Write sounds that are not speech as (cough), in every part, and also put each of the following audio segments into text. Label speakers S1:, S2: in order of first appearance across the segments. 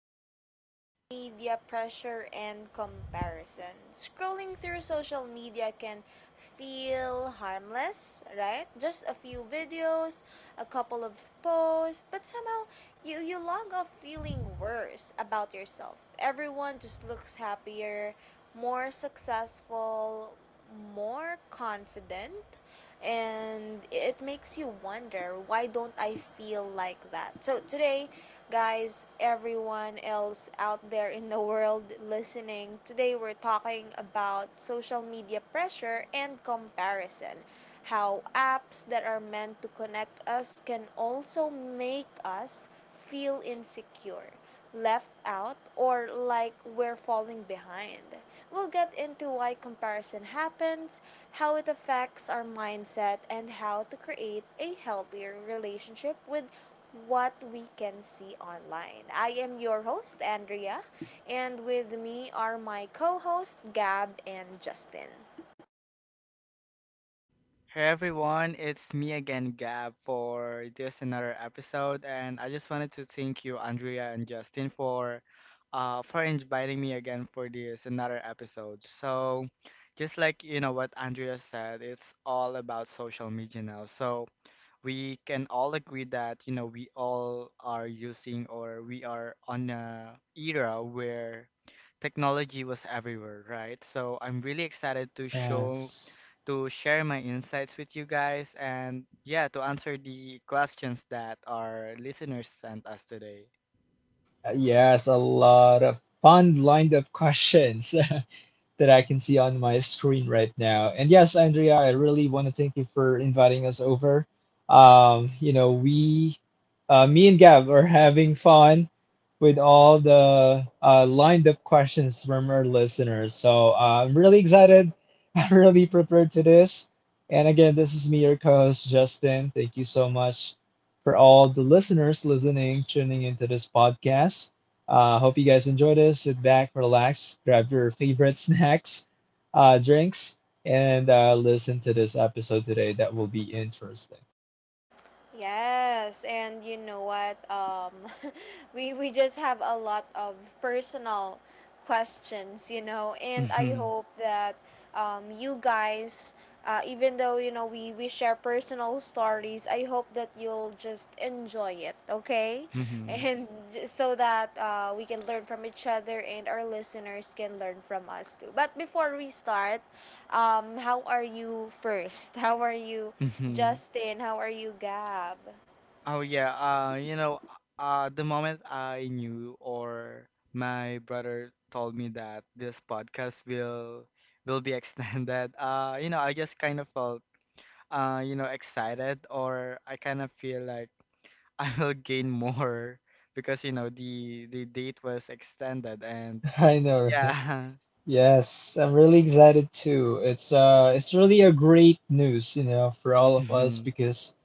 S1: to Social Media Pressure and Comparison. Scrolling through social media can feel harmless, right? Just a few videos, a couple of posts, but somehow you log off feeling worse about yourself. Everyone just looks happier, more successful, more confident and it makes you wonder why don't I feel like that? So today, guys, everyone else out there in the world listening, today we're talking about social media pressure and comparison. How apps that are meant to connect us can also make us feel insecure, left out or like we're falling behind. We'll get into why comparison happens, how it affects our mindset, and how to create a healthier relationship with what we can see online. I am your host, Andrea, and with me are my co hosts Gab and Justin.
S2: Hey everyone, it's me again, Gab, for this another episode, and I just wanted to thank you, Andrea and Justin, for inviting me again for this another episode. So, just like what Andrea said, it's all about social media now. So we can all agree that we all are using or we are on a era where technology was everywhere, right? So I'm really excited to show
S3: Yes.
S2: to share my insights with you guys and yeah, to answer the questions that our listeners sent us today.
S3: Yes, a lot of fun lined up questions. (laughs) That I can see on my screen right now. And yes, Andrea, I really want to thank you for inviting us over. You know, we, me and Gab are having fun with all the lined up questions from our listeners. So I'm really excited. (laughs) I'm really prepared to this. And again, this is me, your co host, Justin. Thank you so much for all the listeners listening, tuning into this podcast. Hope you guys enjoy this. Sit back, relax, grab your favorite (laughs) snacks, drinks, and listen to this episode today. That will be interesting.
S1: Yes, and you know what? (laughs) We just have a lot of personal questions, you know, and I
S2: Mhm.
S1: hope that you guys, even though we share personal stories, I hope that you'll just enjoy it, okay? (laughs)
S2: Mhm.
S1: And so that we can learn from each other and our listeners can learn from us too. But before we start, how are you first? (laughs) How are you?
S2: Mhm.
S1: Justin, how are you, Gab?
S2: Oh yeah, you know, the moment I knew or my brother told me that this podcast will be (laughs) extended, you know, I just kind of felt you know excited or I kind of feel like (laughs) I will gain more because you know the date was extended and
S3: (laughs) I know, right?
S2: Yeah.
S3: Yes, I'm really excited too. It's really a great news, you know, for
S2: (laughs)
S3: all of us
S2: Mhm.
S3: because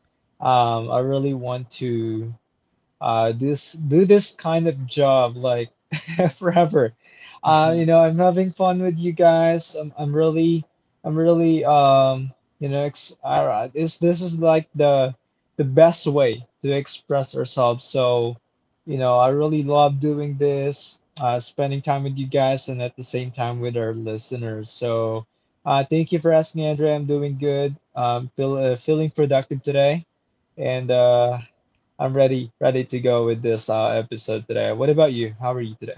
S3: I really want to this do this kind of job like (laughs) forever. You
S2: Mhm.
S3: know, I'm having fun with you guys. I'm really, you know, this is like the best way to express ourselves. So, you know, I really love doing this, spending time with you guys, and at the same time with our listeners. So, thank you for asking, Andrea. I'm doing good. Feeling productive today and I'm ready, ready to go with this episode today. What about you? How are you today?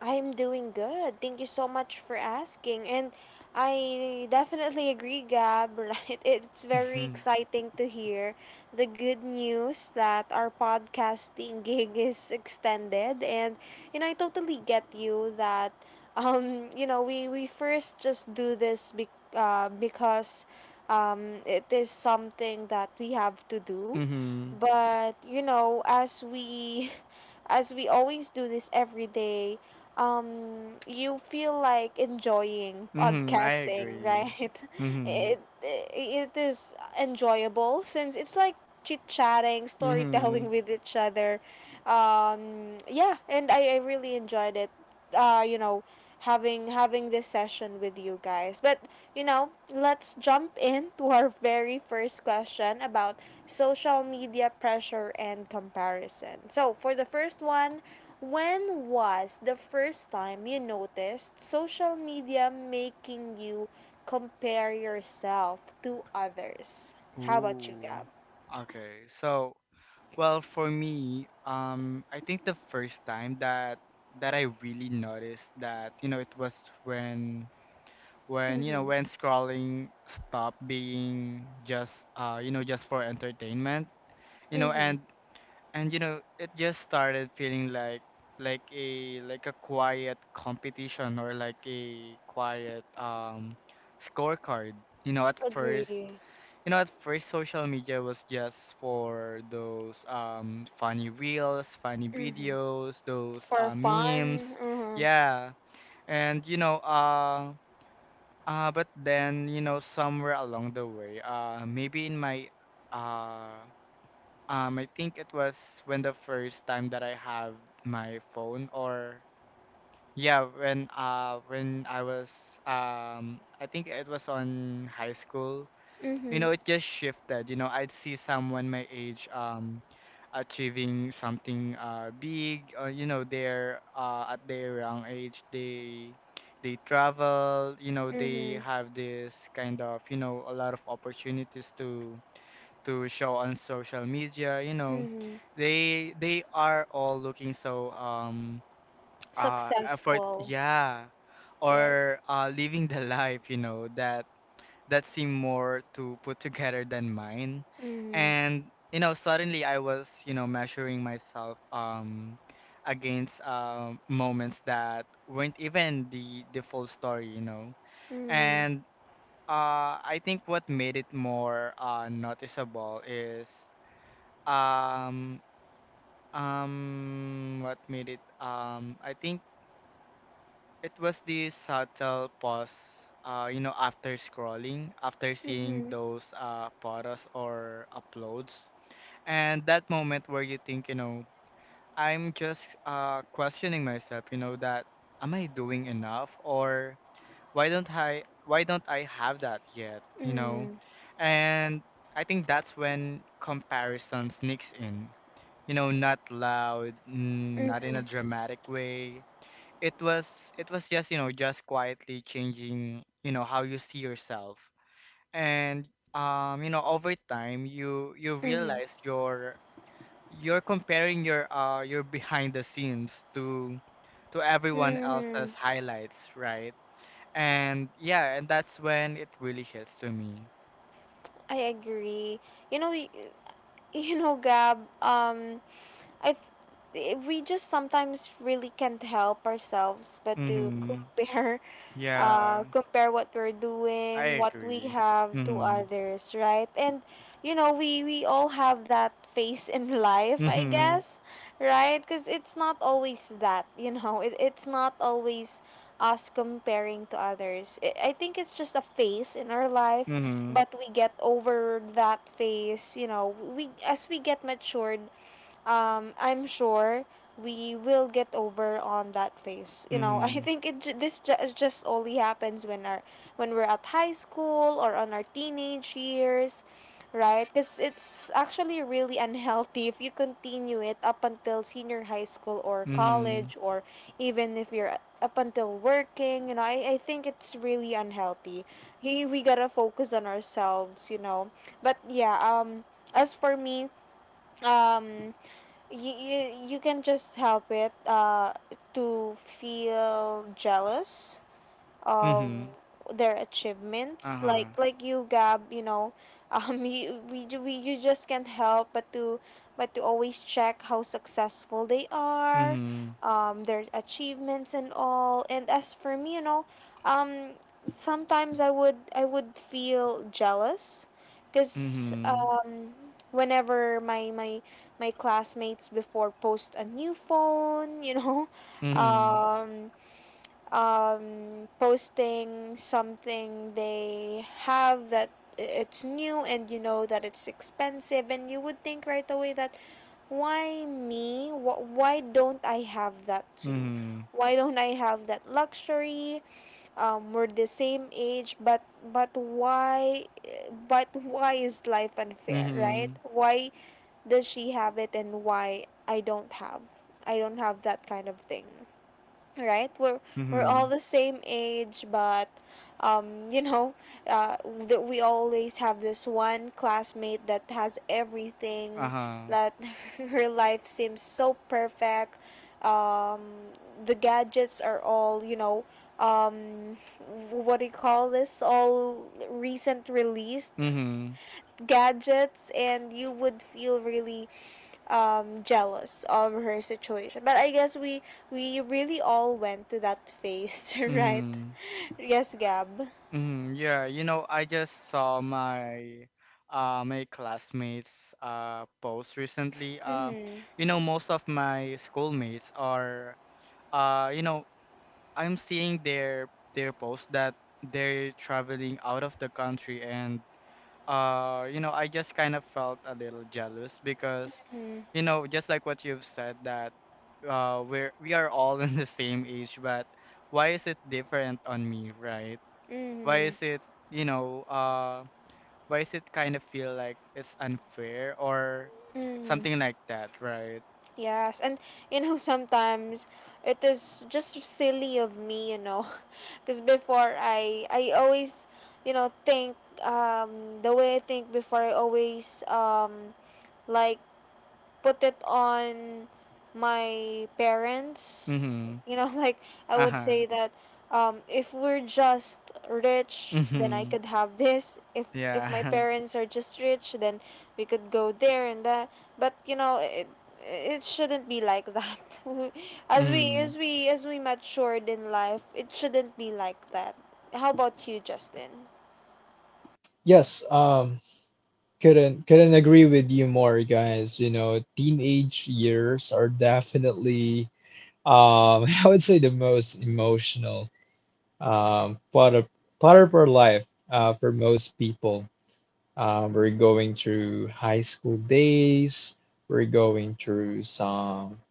S1: I'm doing good. Thank you so much for asking. And I definitely agree, Gab, (laughs) right? It's very
S2: Mhm.
S1: exciting to hear the good news that our podcasting (laughs) gig is extended. And, you know, I totally get you that, you know, we first just do this because it is something that we have to do.
S2: Mhm.
S1: But, you know, as we (laughs) as we always do this every day, you feel like enjoying
S2: Mhm. I
S1: podcasting,
S2: agree.
S1: right? (laughs)
S2: Mhm.
S1: It is enjoyable since it's like chit chatting, storytelling
S2: Mhm.
S1: (laughs) with each other. Yeah, and I really enjoyed it, you know, having this session with you guys. But you know, let's jump into our very first question about social media pressure and comparison. So for the first one, when was the first time you noticed social media making you compare yourself to others? How about you,
S2: Ooh.
S1: Gab?
S2: Okay. So, well, for me, I think the first time that I really noticed that, you know, it was when when, you know, when scrolling stopped being just you know, just for entertainment, you know, and you know, it just started feeling like like a quiet competition or like a quiet scorecard. You know, at first,
S1: Agree.
S2: you know, at first social media was just for those funny reels, funny videos, those
S1: For fun.
S2: memes.
S1: Uh-huh.
S2: Yeah. And you know, but then, you know, somewhere along the way, maybe in my uh I think it was when the first time that I have my phone or yeah, when I was I think it was on high school. You know, it just shifted. You know, I'd see someone my age achieving something big or you know, they're at their young age they travel, you know, they
S1: Mm-hmm.
S2: have this kind of, you know, a lot of opportunities to show on social media. You know
S1: Mm-hmm.
S2: they are all looking so effort,
S1: Successful.
S2: yeah,
S1: Yes.
S2: or living the life, you know, that that seem more to put together than mine.
S1: Mm,
S2: And you know suddenly I was, you know, measuring myself against moments that weren't even the full story, you know.
S1: mm,
S2: And I think what made it more noticeable is um, what made it? I think it was the subtle pause, you know, after scrolling, after seeing
S1: mm,
S2: those photos or uploads, and that moment where you think, you know, I'm just questioning myself, you know, that am I doing enough or why don't I have that yet, you know?
S1: mm,
S2: And I think that's when comparison sneaks in. You know, not loud, not in a dramatic way. It was just, you know, just quietly changing, you know, how you see yourself. And you know, over time you
S1: mm,
S2: realize you're comparing your behind the scenes to everyone
S1: mm.
S2: else's highlights, right? And yeah, and that's when it really hits to me.
S1: I agree. You know, y- (laughs) you know, Gab, I th- we just sometimes really can't help ourselves but to
S2: Mm-hmm.
S1: compare. (laughs)
S2: Yeah,
S1: Compare what we're
S2: I
S1: doing, what we
S2: agree.
S1: have to
S2: Mm-hmm.
S1: others, right? And you know, we all have that phase in (laughs) life, I
S2: Mm-hmm.
S1: guess, right? Cuz it's not always that, you know. It's not always us comparing to others. I think it's just a phase in our life,
S2: Mm-hmm.
S1: but we get over that phase, you know. We as we get matured, I'm sure we will get over on that phase. You know, (laughs) I
S2: Mm-hmm.
S1: think it ju- this ju- just only happens when our when we're at high school or on our teenage years, right? Because it's actually really unhealthy if you continue it up until senior high school or
S2: Mm-hmm.
S1: college or even if you're up until working. You know, I think it's really unhealthy. Hey, we gotta focus on ourselves. You know, but yeah. As for me, um you can just help it to feel jealous uh,
S2: Mm-hmm.
S1: their achievements like
S2: Uh-huh.
S1: you Gab, you know. (laughs) You, we, ju- we you just can't help but to always check how successful they are,
S2: Mm-hmm.
S1: their achievements and all. And as for me, you know, um sometimes I would feel jealous because
S2: Mm-hmm.
S1: whenever my classmates before post a new phone, you know. (laughs)
S2: Mm-hmm.
S1: um Posting something they have that it's new, and you know that it's expensive, and you would think right away that why me? Why don't I have that too?
S2: Mm-hmm.
S1: Why don't I have that luxury? We're the same age, but but why why is life unfair, right?
S2: Mm-hmm.
S1: Why does she have it and why I don't have? That kind of thing, right? We're
S2: Mm-hmm.
S1: all the same age, but you know, that we always have this one classmate that has everything,
S2: Uh-huh.
S1: that (laughs) her life seems so perfect. um the gadgets are all, you know, um what do you call this, all recent released
S2: Mm-hmm.
S1: gadgets, and you would feel really jealous of her situation. But I guess we really all went to that phase, (laughs) right?
S2: Mm-hmm.
S1: Yes, Gab.
S2: Mm, yeah, you know, I just saw my my classmates post recently. You know, most of my schoolmates are you know, I'm seeing their post that they're traveling out of the country. And you know, I just kind of felt a little jealous because you know, just like what you've said that we're we are all (laughs) in the same age, but why is it different on me, right? Why is
S1: Mm-hmm.
S2: it, you know, why is it kind of feel like it's unfair or
S1: Mm-hmm.
S2: something like that, right?
S1: Yes, and you know sometimes it is just silly of me, you know, (laughs) because before I always you know think the way I think before I always like put it on my parents.
S2: Mm-hmm.
S1: You know, (laughs) like I would say
S2: Uh-huh.
S1: that if we're just rich, then I
S2: Mm-hmm.
S1: could have this. If my
S2: Yeah.
S1: parents are just rich, then we could go there and that. But you know, it shouldn't be like that. (laughs)
S2: (laughs)
S1: as we
S2: Mm.
S1: as we as we matured in life, it shouldn't be like that. How about you, Justin?
S3: Yes, um, couldn't agree with you more, guys. You know, teenage years are definitely (laughs) I would say the most emotional um, part of part of our life for most people. We're going through high school days. We're going through some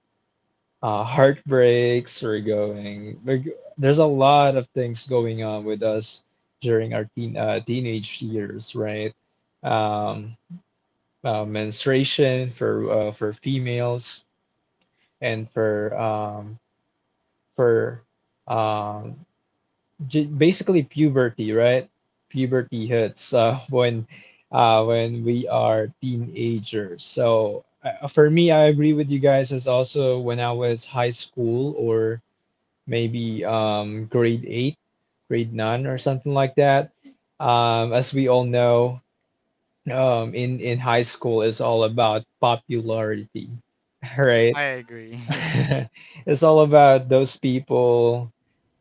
S3: heartbreaks were going. There's a lot of things going on with us during our teenage years, right? Um, Menstruation for females and for um, j basically puberty, right? Puberty hits (laughs) when we are teenagers. So for me, I agree with you guys. As also when I was high school or maybe grade eight, grade nine, or something like that. As we all know, in high school is all about popularity, (laughs) right?
S2: I agree. (laughs)
S3: (laughs) It's all about those people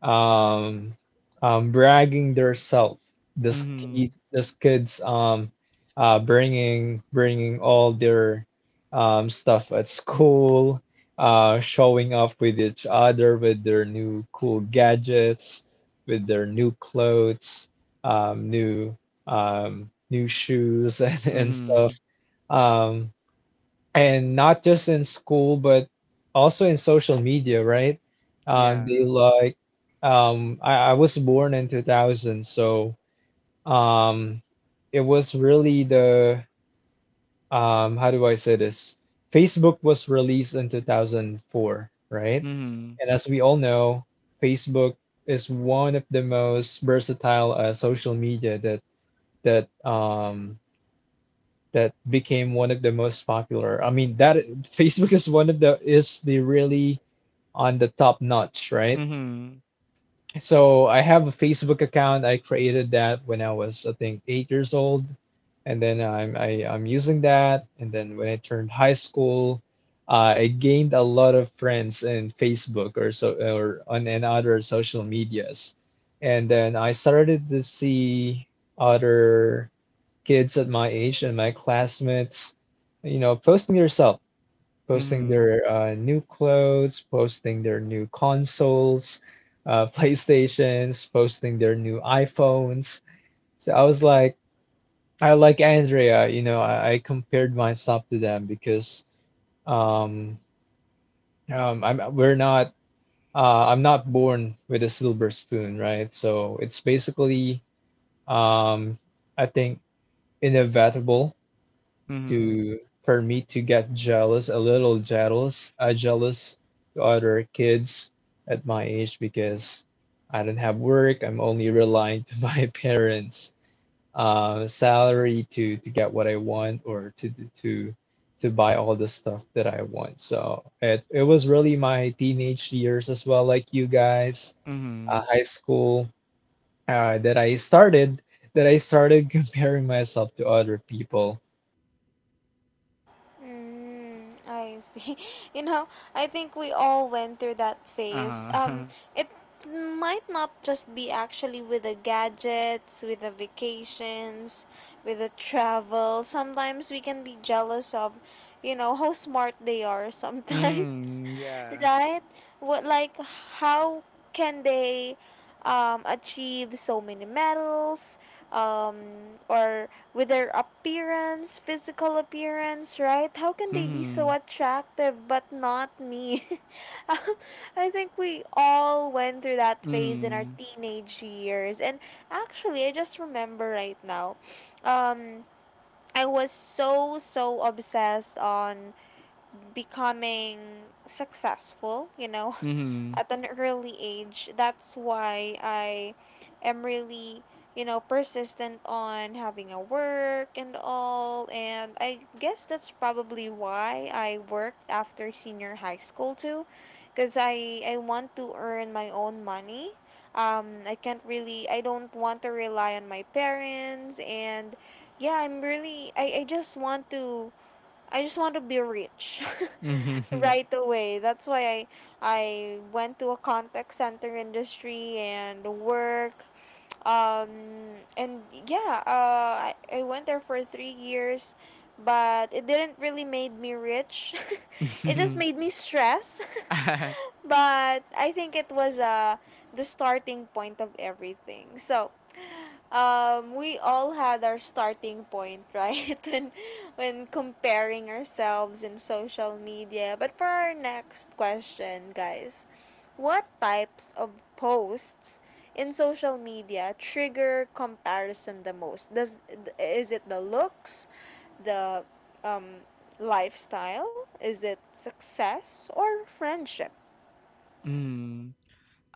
S3: um, bragging their self. This
S2: Mm-hmm.
S3: kid, this kids bringing all their stuff at school, showing off with each other with their new cool gadgets, with their new clothes, new new shoes (laughs) and stuff.
S2: Mm-hmm.
S3: Um, and not just in school but also in social media, right?
S2: Yeah.
S3: They like I was born in 2000, so um, it was really the how do I say this, Facebook was released in 2004, right?
S2: Mm-hmm.
S3: And as we all know, Facebook is one of the most versatile social media that that um, that became one of the most popular. I mean, that Facebook is one of the is the really on the top notch, right?
S2: Mm-hmm.
S3: So I have a Facebook account. I created that when I was, I think, 8 years old, and then I'm using that. And then when I turned high school, I gained a lot of friends in Facebook or so or on and other social medias, and then I started to see other kids at my age and my classmates, you know, posting their stuff, posting
S2: Mm-hmm.
S3: their new clothes, posting their new consoles, (laughs) PlayStations, posting their new iPhones. So I was like, I like Andrea, you know, I compared myself to them because um, I'm we're not I'm not born with a silver spoon, right? So it's basically um, I think inevitable
S2: Mm-hmm.
S3: to for me to get jealous, a little jealous, jealous to other kids at my age because I don't have work. I'm only relying to my (laughs) parents' salary to get what I want or to buy all the stuff that I want. So it was really my teenage years as well, like you guys,
S2: Mm-hmm.
S3: high school, uh, that I started that I started (laughs) comparing myself to other people.
S1: Mm, I see. (laughs) You know, I think we all went through that phase.
S2: Uh-huh.
S1: It might not just be actually with the gadgets, with the vacations, with the travel. Sometimes we can be jealous of, you know, how smart they are
S2: (laughs)
S1: sometimes,
S2: Mm-hmm.
S1: (laughs)
S2: Yeah.
S1: right? What like how can they achieve so many medals, um, or with their appearance, physical appearance? Right, how can they be so
S2: Mm-hmm.
S1: attractive but not me? (laughs) I think we all went through that phase in our
S2: Mm-hmm.
S1: teenage years. And actually I just remember right now, um, I was so obsessed on becoming successful, you know. (laughs)
S2: Mm-hmm.
S1: At an early age. That's why I am really, you know, persistent on having a work and all. And I guess that's probably why I worked after senior high school too, because I want to earn my own money. I can't really, I don't want to rely on my parents. And yeah, I'm really, I just want to be rich (laughs)
S2: Mm-hmm.
S1: right away. That's why I went to a contact center industry and work. And yeah, I went there for 3 years, but it didn't really made me rich. (laughs) It just made me stress.
S2: (laughs)
S1: (laughs) But I think it was the starting point of everything. So we all had our starting point, right? (laughs) When comparing ourselves in social media. But for our next question, guys, what types of posts in social media trigger comparison the most? Does is it the looks, the um, lifestyle? Is it success or friendship?
S2: Mm-hmm.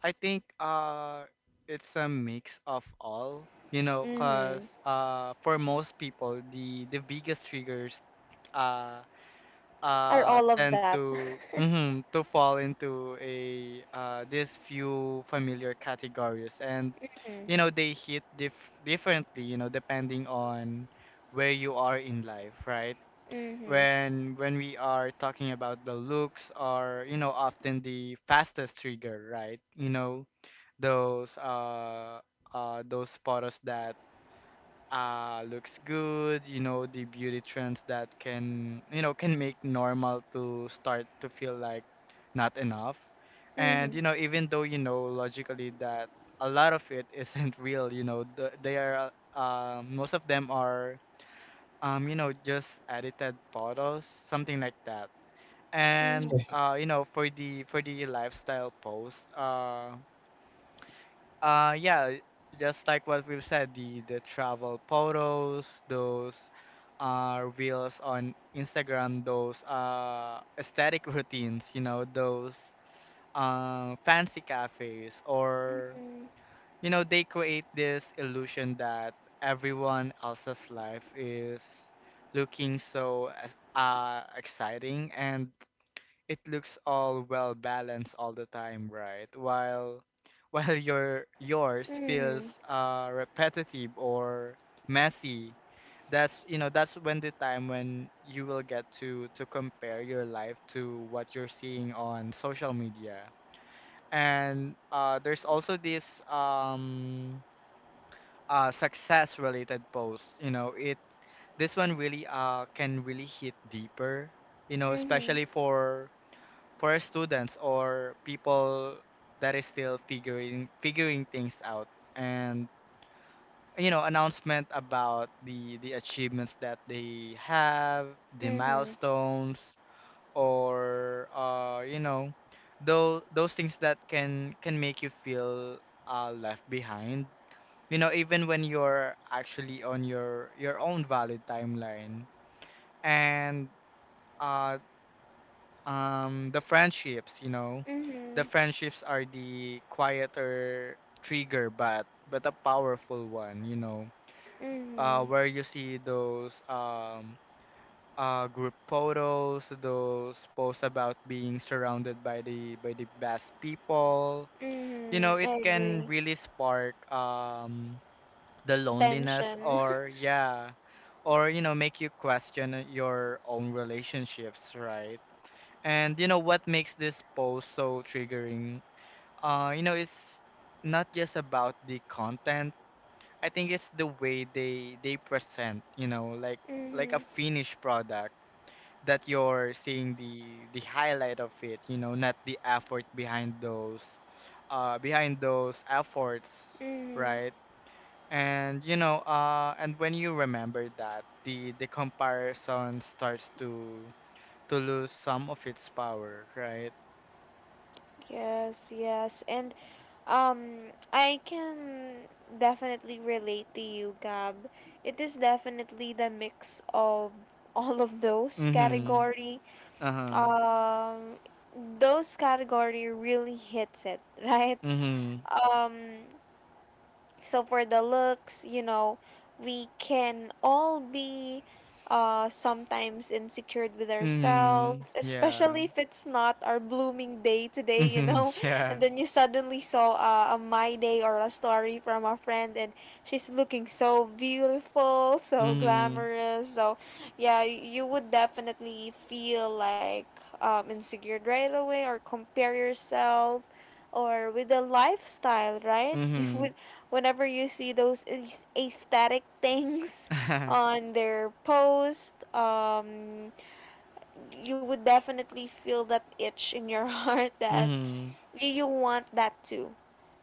S2: I think it's a mix of all, you know, cause
S1: Mm-hmm.
S2: for most people the biggest triggers uh
S1: Or all of
S2: tend
S1: that? (laughs)
S2: to, mhm, to fall into a these few familiar categories and you know they hit differently, you know, depending on where you are in life, right?
S1: Mm-hmm.
S2: When we are talking about the looks are, you know, often the fastest trigger, right? You know, those uh those photos that looks good, you know, the beauty trends that can, you know, can make normal to start to feel like not enough.
S1: Mm-hmm.
S2: And you know, even though you know logically that a lot of it isn't (laughs) real, you know, the, they are most of them are you know, just edited photos, something like that.
S1: Mm-hmm.
S2: And you know, for the lifestyle post, yeah, just like what we've said, the travel photos, those reels on Instagram, those aesthetic (laughs) routines, you know, those fancy cafes. Or you know they create this illusion that everyone else's life is looking exciting, and it looks all well balanced all the time, right, while (laughs) while yours
S1: Mm-hmm.
S2: feels repetitive or messy. That's you know that's when the time when you will get to compare your life to what you're seeing on social media. And there's also this success related posts, you know. It this one really can really hit deeper, you know,
S1: Mhm.
S2: especially for students or people that is still figuring things out. And you know, announcement about the achievements that they have, the
S1: Mhm.
S2: milestones, or you know, those things that can make you feel left behind, you know, even when you're actually on your own valid timeline. And uh the friendships, you know, the
S1: Mhm.
S2: friendships are the quieter trigger, but a powerful one, you know,
S1: Mhm.
S2: where you see those group photos, those posts about being surrounded by the best people. You
S1: Mhm.
S2: know, it
S1: I
S2: can
S1: agree.
S2: really spark the loneliness,
S1: Tension.
S2: or
S1: (laughs)
S2: yeah, or you know, make you question your own relationships, right? And you know what makes this post so triggering, you know, it's not just about the content. I think it's the way they present, you know, like a
S1: Mhm.
S2: finished product, that you're seeing the highlight of it, you know, not the effort behind those efforts,
S1: Mhm.
S2: right? And you know, and when you remember that, the comparison starts to lose some of its power, right?
S1: Yes, yes. And I can definitely relate to you, Gab. It is definitely the mix of (laughs) all of those
S2: Mm-hmm.
S1: category.
S2: Uh-huh.
S1: Um those category really hits it, (laughs) right?
S2: Mm-hmm.
S1: Um So for the looks, you know, we can all be sometimes insecure with ourselves,
S2: Mm-hmm.
S1: especially
S2: Yeah.
S1: if it's not our blooming day today, you
S2: Mm-hmm.
S1: know. (laughs) And then you suddenly saw a my day or a story from a friend, and she's looking so beautiful,
S2: (laughs)
S1: so
S2: Yeah.
S1: glamorous. So, yeah, you would definitely feel like insecure right away or compare yourself or with the lifestyle, right?
S2: Mm-hmm.
S1: (laughs) You
S2: Mm-hmm.
S1: would whenever you see those aesthetic things (laughs)
S2: (laughs)
S1: on their post, you would definitely feel that itch in your (laughs) heart that
S2: Mm-hmm.
S1: you want that too.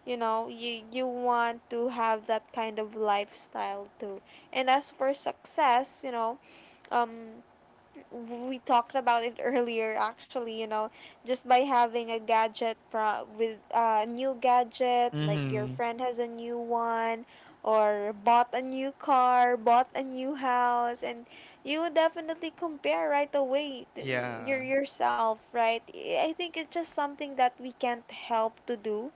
S1: You know, you want to have that kind of lifestyle too. And as for success, you know, um, we talked about it (laughs) earlier, actually. You know, just by having a gadget, from with a new gadget, like your
S2: Mm-hmm.
S1: friend has a new one or bought a new car, bought a new house, and you would definitely compare right away to
S2: Yeah.
S1: yourself, right? I think it's just something that we can't help to do.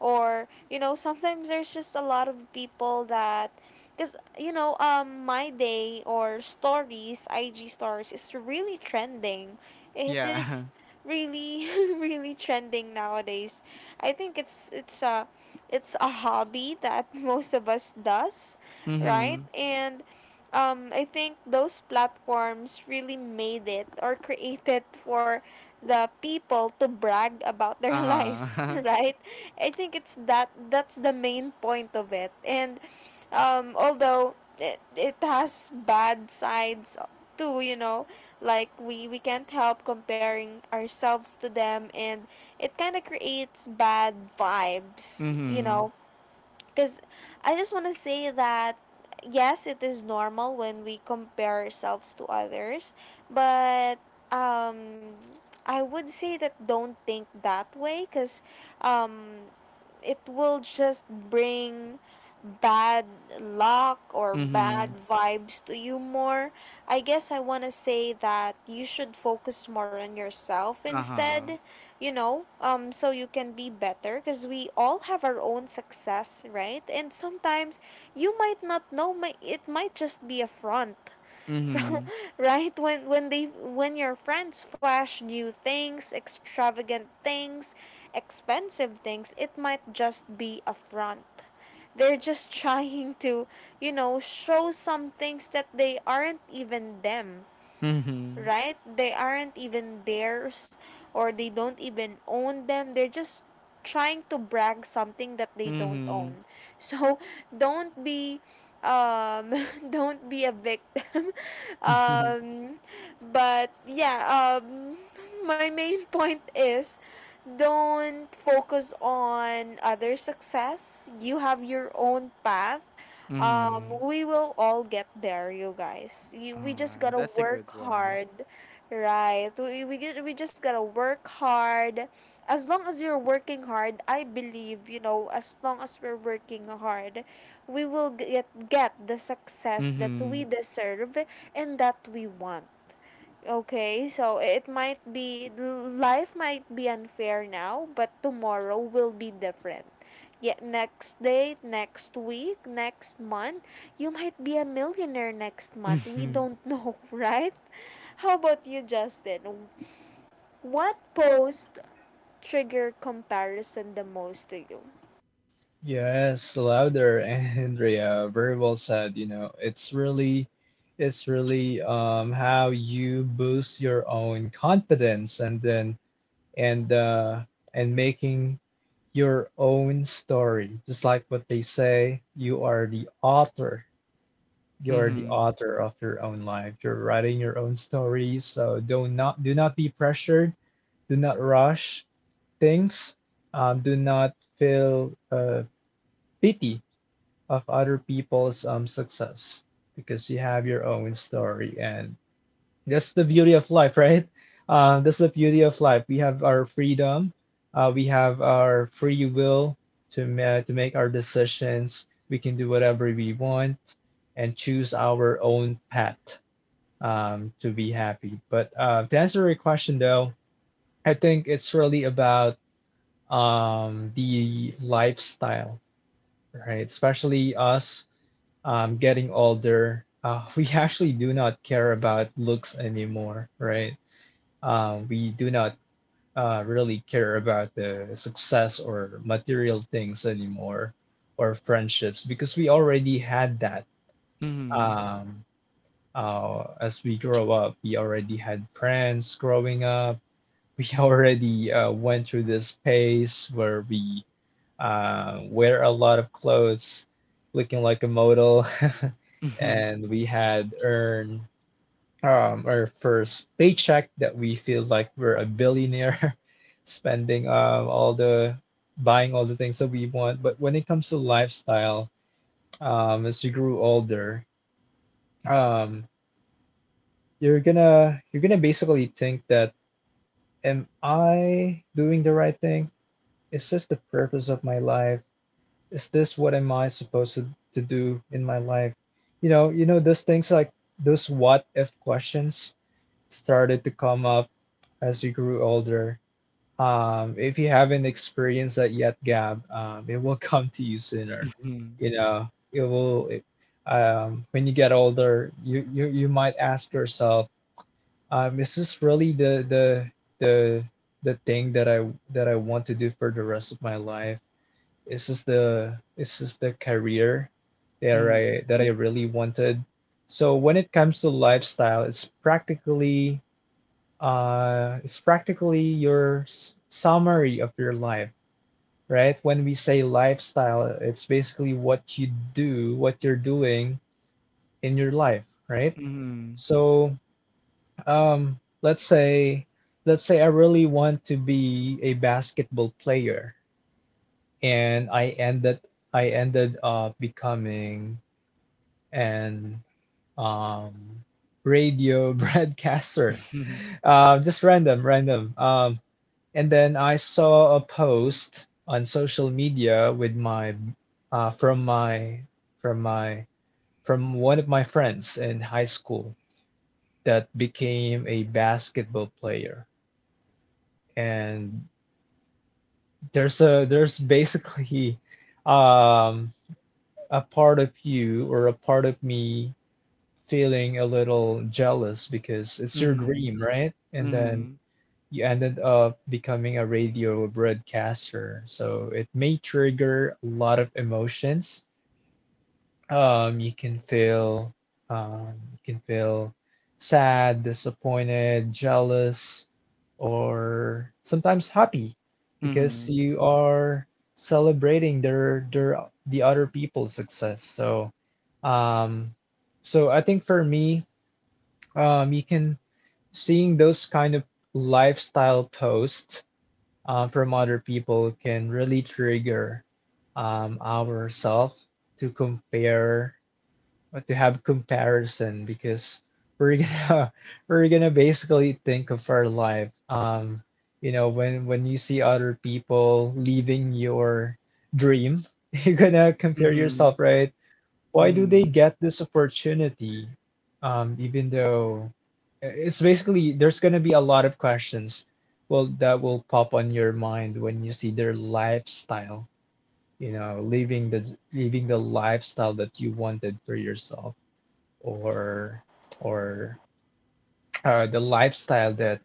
S1: Or you know, sometimes there's just a lot of people that because you know, my day or stories, IG stories, is really trending. It is
S2: Yeah. (laughs)
S1: really (laughs) really trending nowadays. I think it's a hobby that (laughs) most of us does, right?
S2: Mm-hmm.
S1: And I think those platforms really made it or created for the people to brag about their (laughs) life,
S2: Uh-huh.
S1: right? I think it's that's the main point of it. And although it has bad sides too, you know, like we can't help comparing ourselves to them, and it kind of creates bad
S2: (laughs)
S1: vibes, you
S2: Mm-hmm.
S1: know because I just want to say that yes, it is normal when we compare ourselves to others, but um, I would say that don't think that way because um, it will just bring bad luck or bad
S2: Mm-hmm.
S1: vibes to you more. I guess I want to say that you should focus more on yourself
S2: Uh-huh.
S1: instead. So you can be better because we all have our own success, right? And sometimes you might not know, it might just be a front. (laughs) From,
S2: Mm-hmm.
S1: right, when they when your friends flash new things, extravagant things, expensive things, it might just be a front. They're just (laughs) trying to, you know, show some things that they aren't even them,
S2: Mm-hmm.
S1: right? They aren't even theirs, or they don't even own them. They're just trying to brag something that they don't
S2: Mm-hmm.
S1: own. (laughs) So don't be um (laughs) don't be a victim. (laughs)
S2: (laughs)
S1: um but yeah, my main point is, don't focus on other success. You have your own path.
S2: Mm-hmm.
S1: We will all get there, you guys. We just
S2: Ah,
S1: gotta
S2: that's a good
S1: work
S2: one.
S1: hard, right? We just gotta work hard. As long as you're working hard, I believe, you know, as long as we're working hard, we will get the success that
S2: Mm-hmm.
S1: we deserve and that we want. Okay, so it might be, life might be unfair now, but tomorrow will be different. Yet next day, next week, next month, you might be a millionaire next month. We
S2: Mm-hmm.
S1: don't know, (laughs) right? How about you, Justin? What post triggered comparison the most to you?
S3: Yes, louder, (laughs) Andrea. Very well said. You know, it's really how you boost your own confidence and then and uh and making your own story. Just like what they say, you are the author. You are the
S2: Mm-hmm.
S3: author of your own life. You're writing your own story, so do not be pressured. Do not rush things. Do not feel pity of other people's success because you have your own story and that's the beauty of life, (laughs) right? That's the beauty of life. We have our freedom, we have our free will to make our decisions. We can do whatever we want and choose our own path to be happy. But to answer your question though, I think it's really about the lifestyle, right? Especially us getting older, (laughs) we actually do not care about looks anymore, right? We do not really care about the success or material things anymore or friendships because we already had that.
S2: Mm-hmm.
S3: Um, as we grow up, we already had friends growing up, we (laughs) already went through this phase where we wear a lot of clothes, looking like a model, (laughs) and we had earned our first paycheck that we feel like we're a billionaire, (laughs) spending all the buying all the things that we want. But when it comes to lifestyle, as you grew older, um, you're gonna basically think that, am I doing the right thing? Is this the purpose of my life? Is this what am I supposed to do in my life? You know, those things, like those what if questions started to come up as you grew older. If you haven't experienced that yet, Gab, it will (laughs) come to you sooner.
S2: Mm-hmm.
S3: You know, it will. When you get older, you might ask yourself, is this really the the the thing that I want to do for the rest of my life? This is the career that I really wanted. So when it comes to lifestyle, it's practically your summary of your life, right? When we say lifestyle, it's basically what you do, what you're doing in your life, right?
S2: Mm-hmm. Mm-hmm.
S3: So um, let's say let's say I really want to be a basketball player, and I ended up becoming an um, radio (laughs) broadcaster. Just random, random. And then I saw a post on social media with my uh, from my from my from one of my friends in high school that became a basketball player. And there's a there's basically um a part of you or a part of me feeling a little jealous because it's your
S2: Mm-hmm.
S3: dream, right? And then
S2: Mm-hmm.
S3: you ended up becoming a radio broadcaster. So it may trigger a lot of emotions. You can feel you can feel sad, disappointed, jealous, or sometimes happy because you are celebrating their the other people's success. Um so I think for me you can seeing those kind of lifestyle posts from other people can really trigger ourselves to compare but to have comparison because we're gonna (laughs) we're gonna basically think of our life um you know when you see other people leaving your dream, (laughs) you're gonna
S2: Mm-hmm. Mm-hmm.
S3: compare
S2: Mm-hmm. Mm-hmm.
S3: yourself, right? Why do they get this opportunity even though it's basically there's gonna be a lot of questions well that will pop on your mind when you see their lifestyle, you know, leaving the lifestyle that you wanted for yourself or or the lifestyle that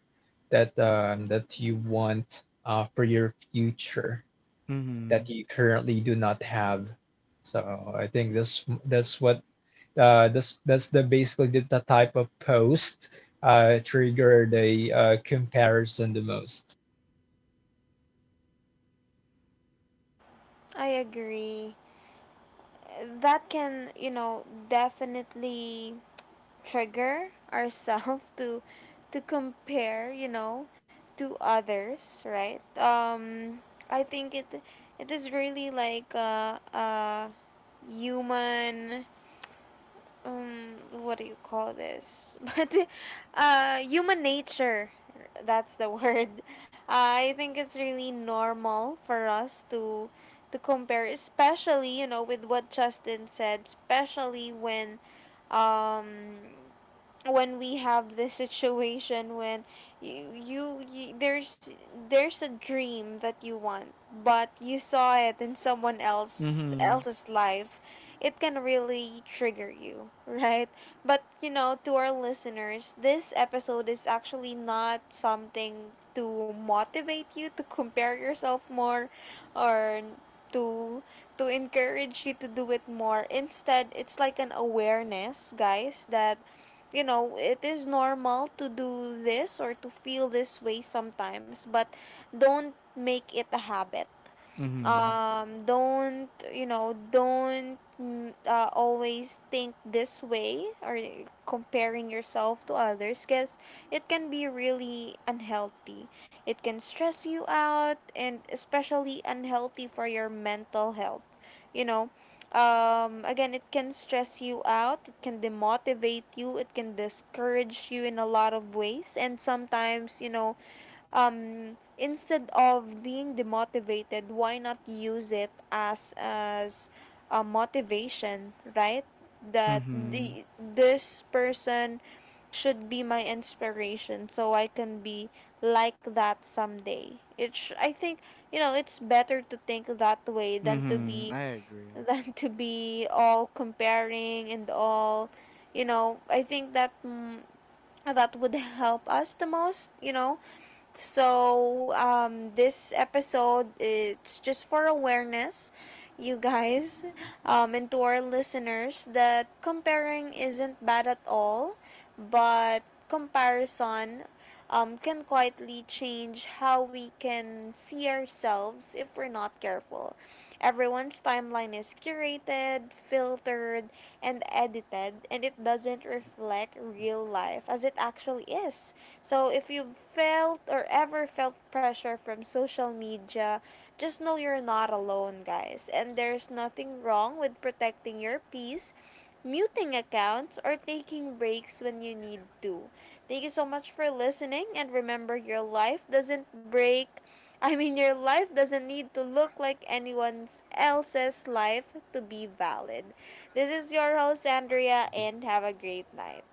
S3: that you want for your future
S2: Mm-hmm.
S3: that you currently do not have. So I think this that's what this that's the basically the type of post triggered a comparison the most.
S1: I agree. That can, you know, definitely trigger ourselves (laughs) to compare, you know, to others, right? I think it is really like a human, what do you call this, (laughs) but human nature, that's the (laughs) word. I think it's really normal for us to compare, especially, you know, with what Justin said, especially um when we have this situation, when you there's a dream that you want but you saw it in someone else
S2: Mm-hmm.
S1: else's life. It can really trigger you, right? But you know, to our listeners, this episode is actually not something to motivate you to compare yourself more, or to to encourage you to do it more. Instead, it's like an awareness, guys, that you know, it is normal to do this or to feel this way sometimes, but don't make it a habit.
S2: Mm-hmm.
S1: Don't, you know, don't always think this way or comparing yourself to others, because it can be really unhealthy. It can stress you out, and especially unhealthy for your mental health, you know. Again, it can stress you out, it can demotivate you, it can discourage you in a lot of ways. And sometimes, you know, instead of being demotivated, why not use it as a motivation, right? That
S2: Mm-hmm.
S1: the this person should be my inspiration, so I can be like that someday. I think, you know, it's better to think that way than to
S2: Mm-hmm. I
S1: be (laughs)
S2: agree.
S1: than to be all comparing and all, you know. I think that would help us the most, you know. So, this episode, it's just for awareness, you guys, and to our listeners, that comparing isn't bad at all, but comparison can quietly change how we can see ourselves if we're not careful. Everyone's timeline is curated, filtered, and edited, and it doesn't reflect real life as it actually is. So if you've felt, or ever felt, pressure from social media, just know you're not alone, guys. And there's nothing wrong with protecting your peace, muting accounts, or taking breaks when you need to. Thank you so much for listening, and remember, your life doesn't break (laughs) I mean your life doesn't need to look like anyone's else's life to be valid. This is your host, Andrea, and have a great night.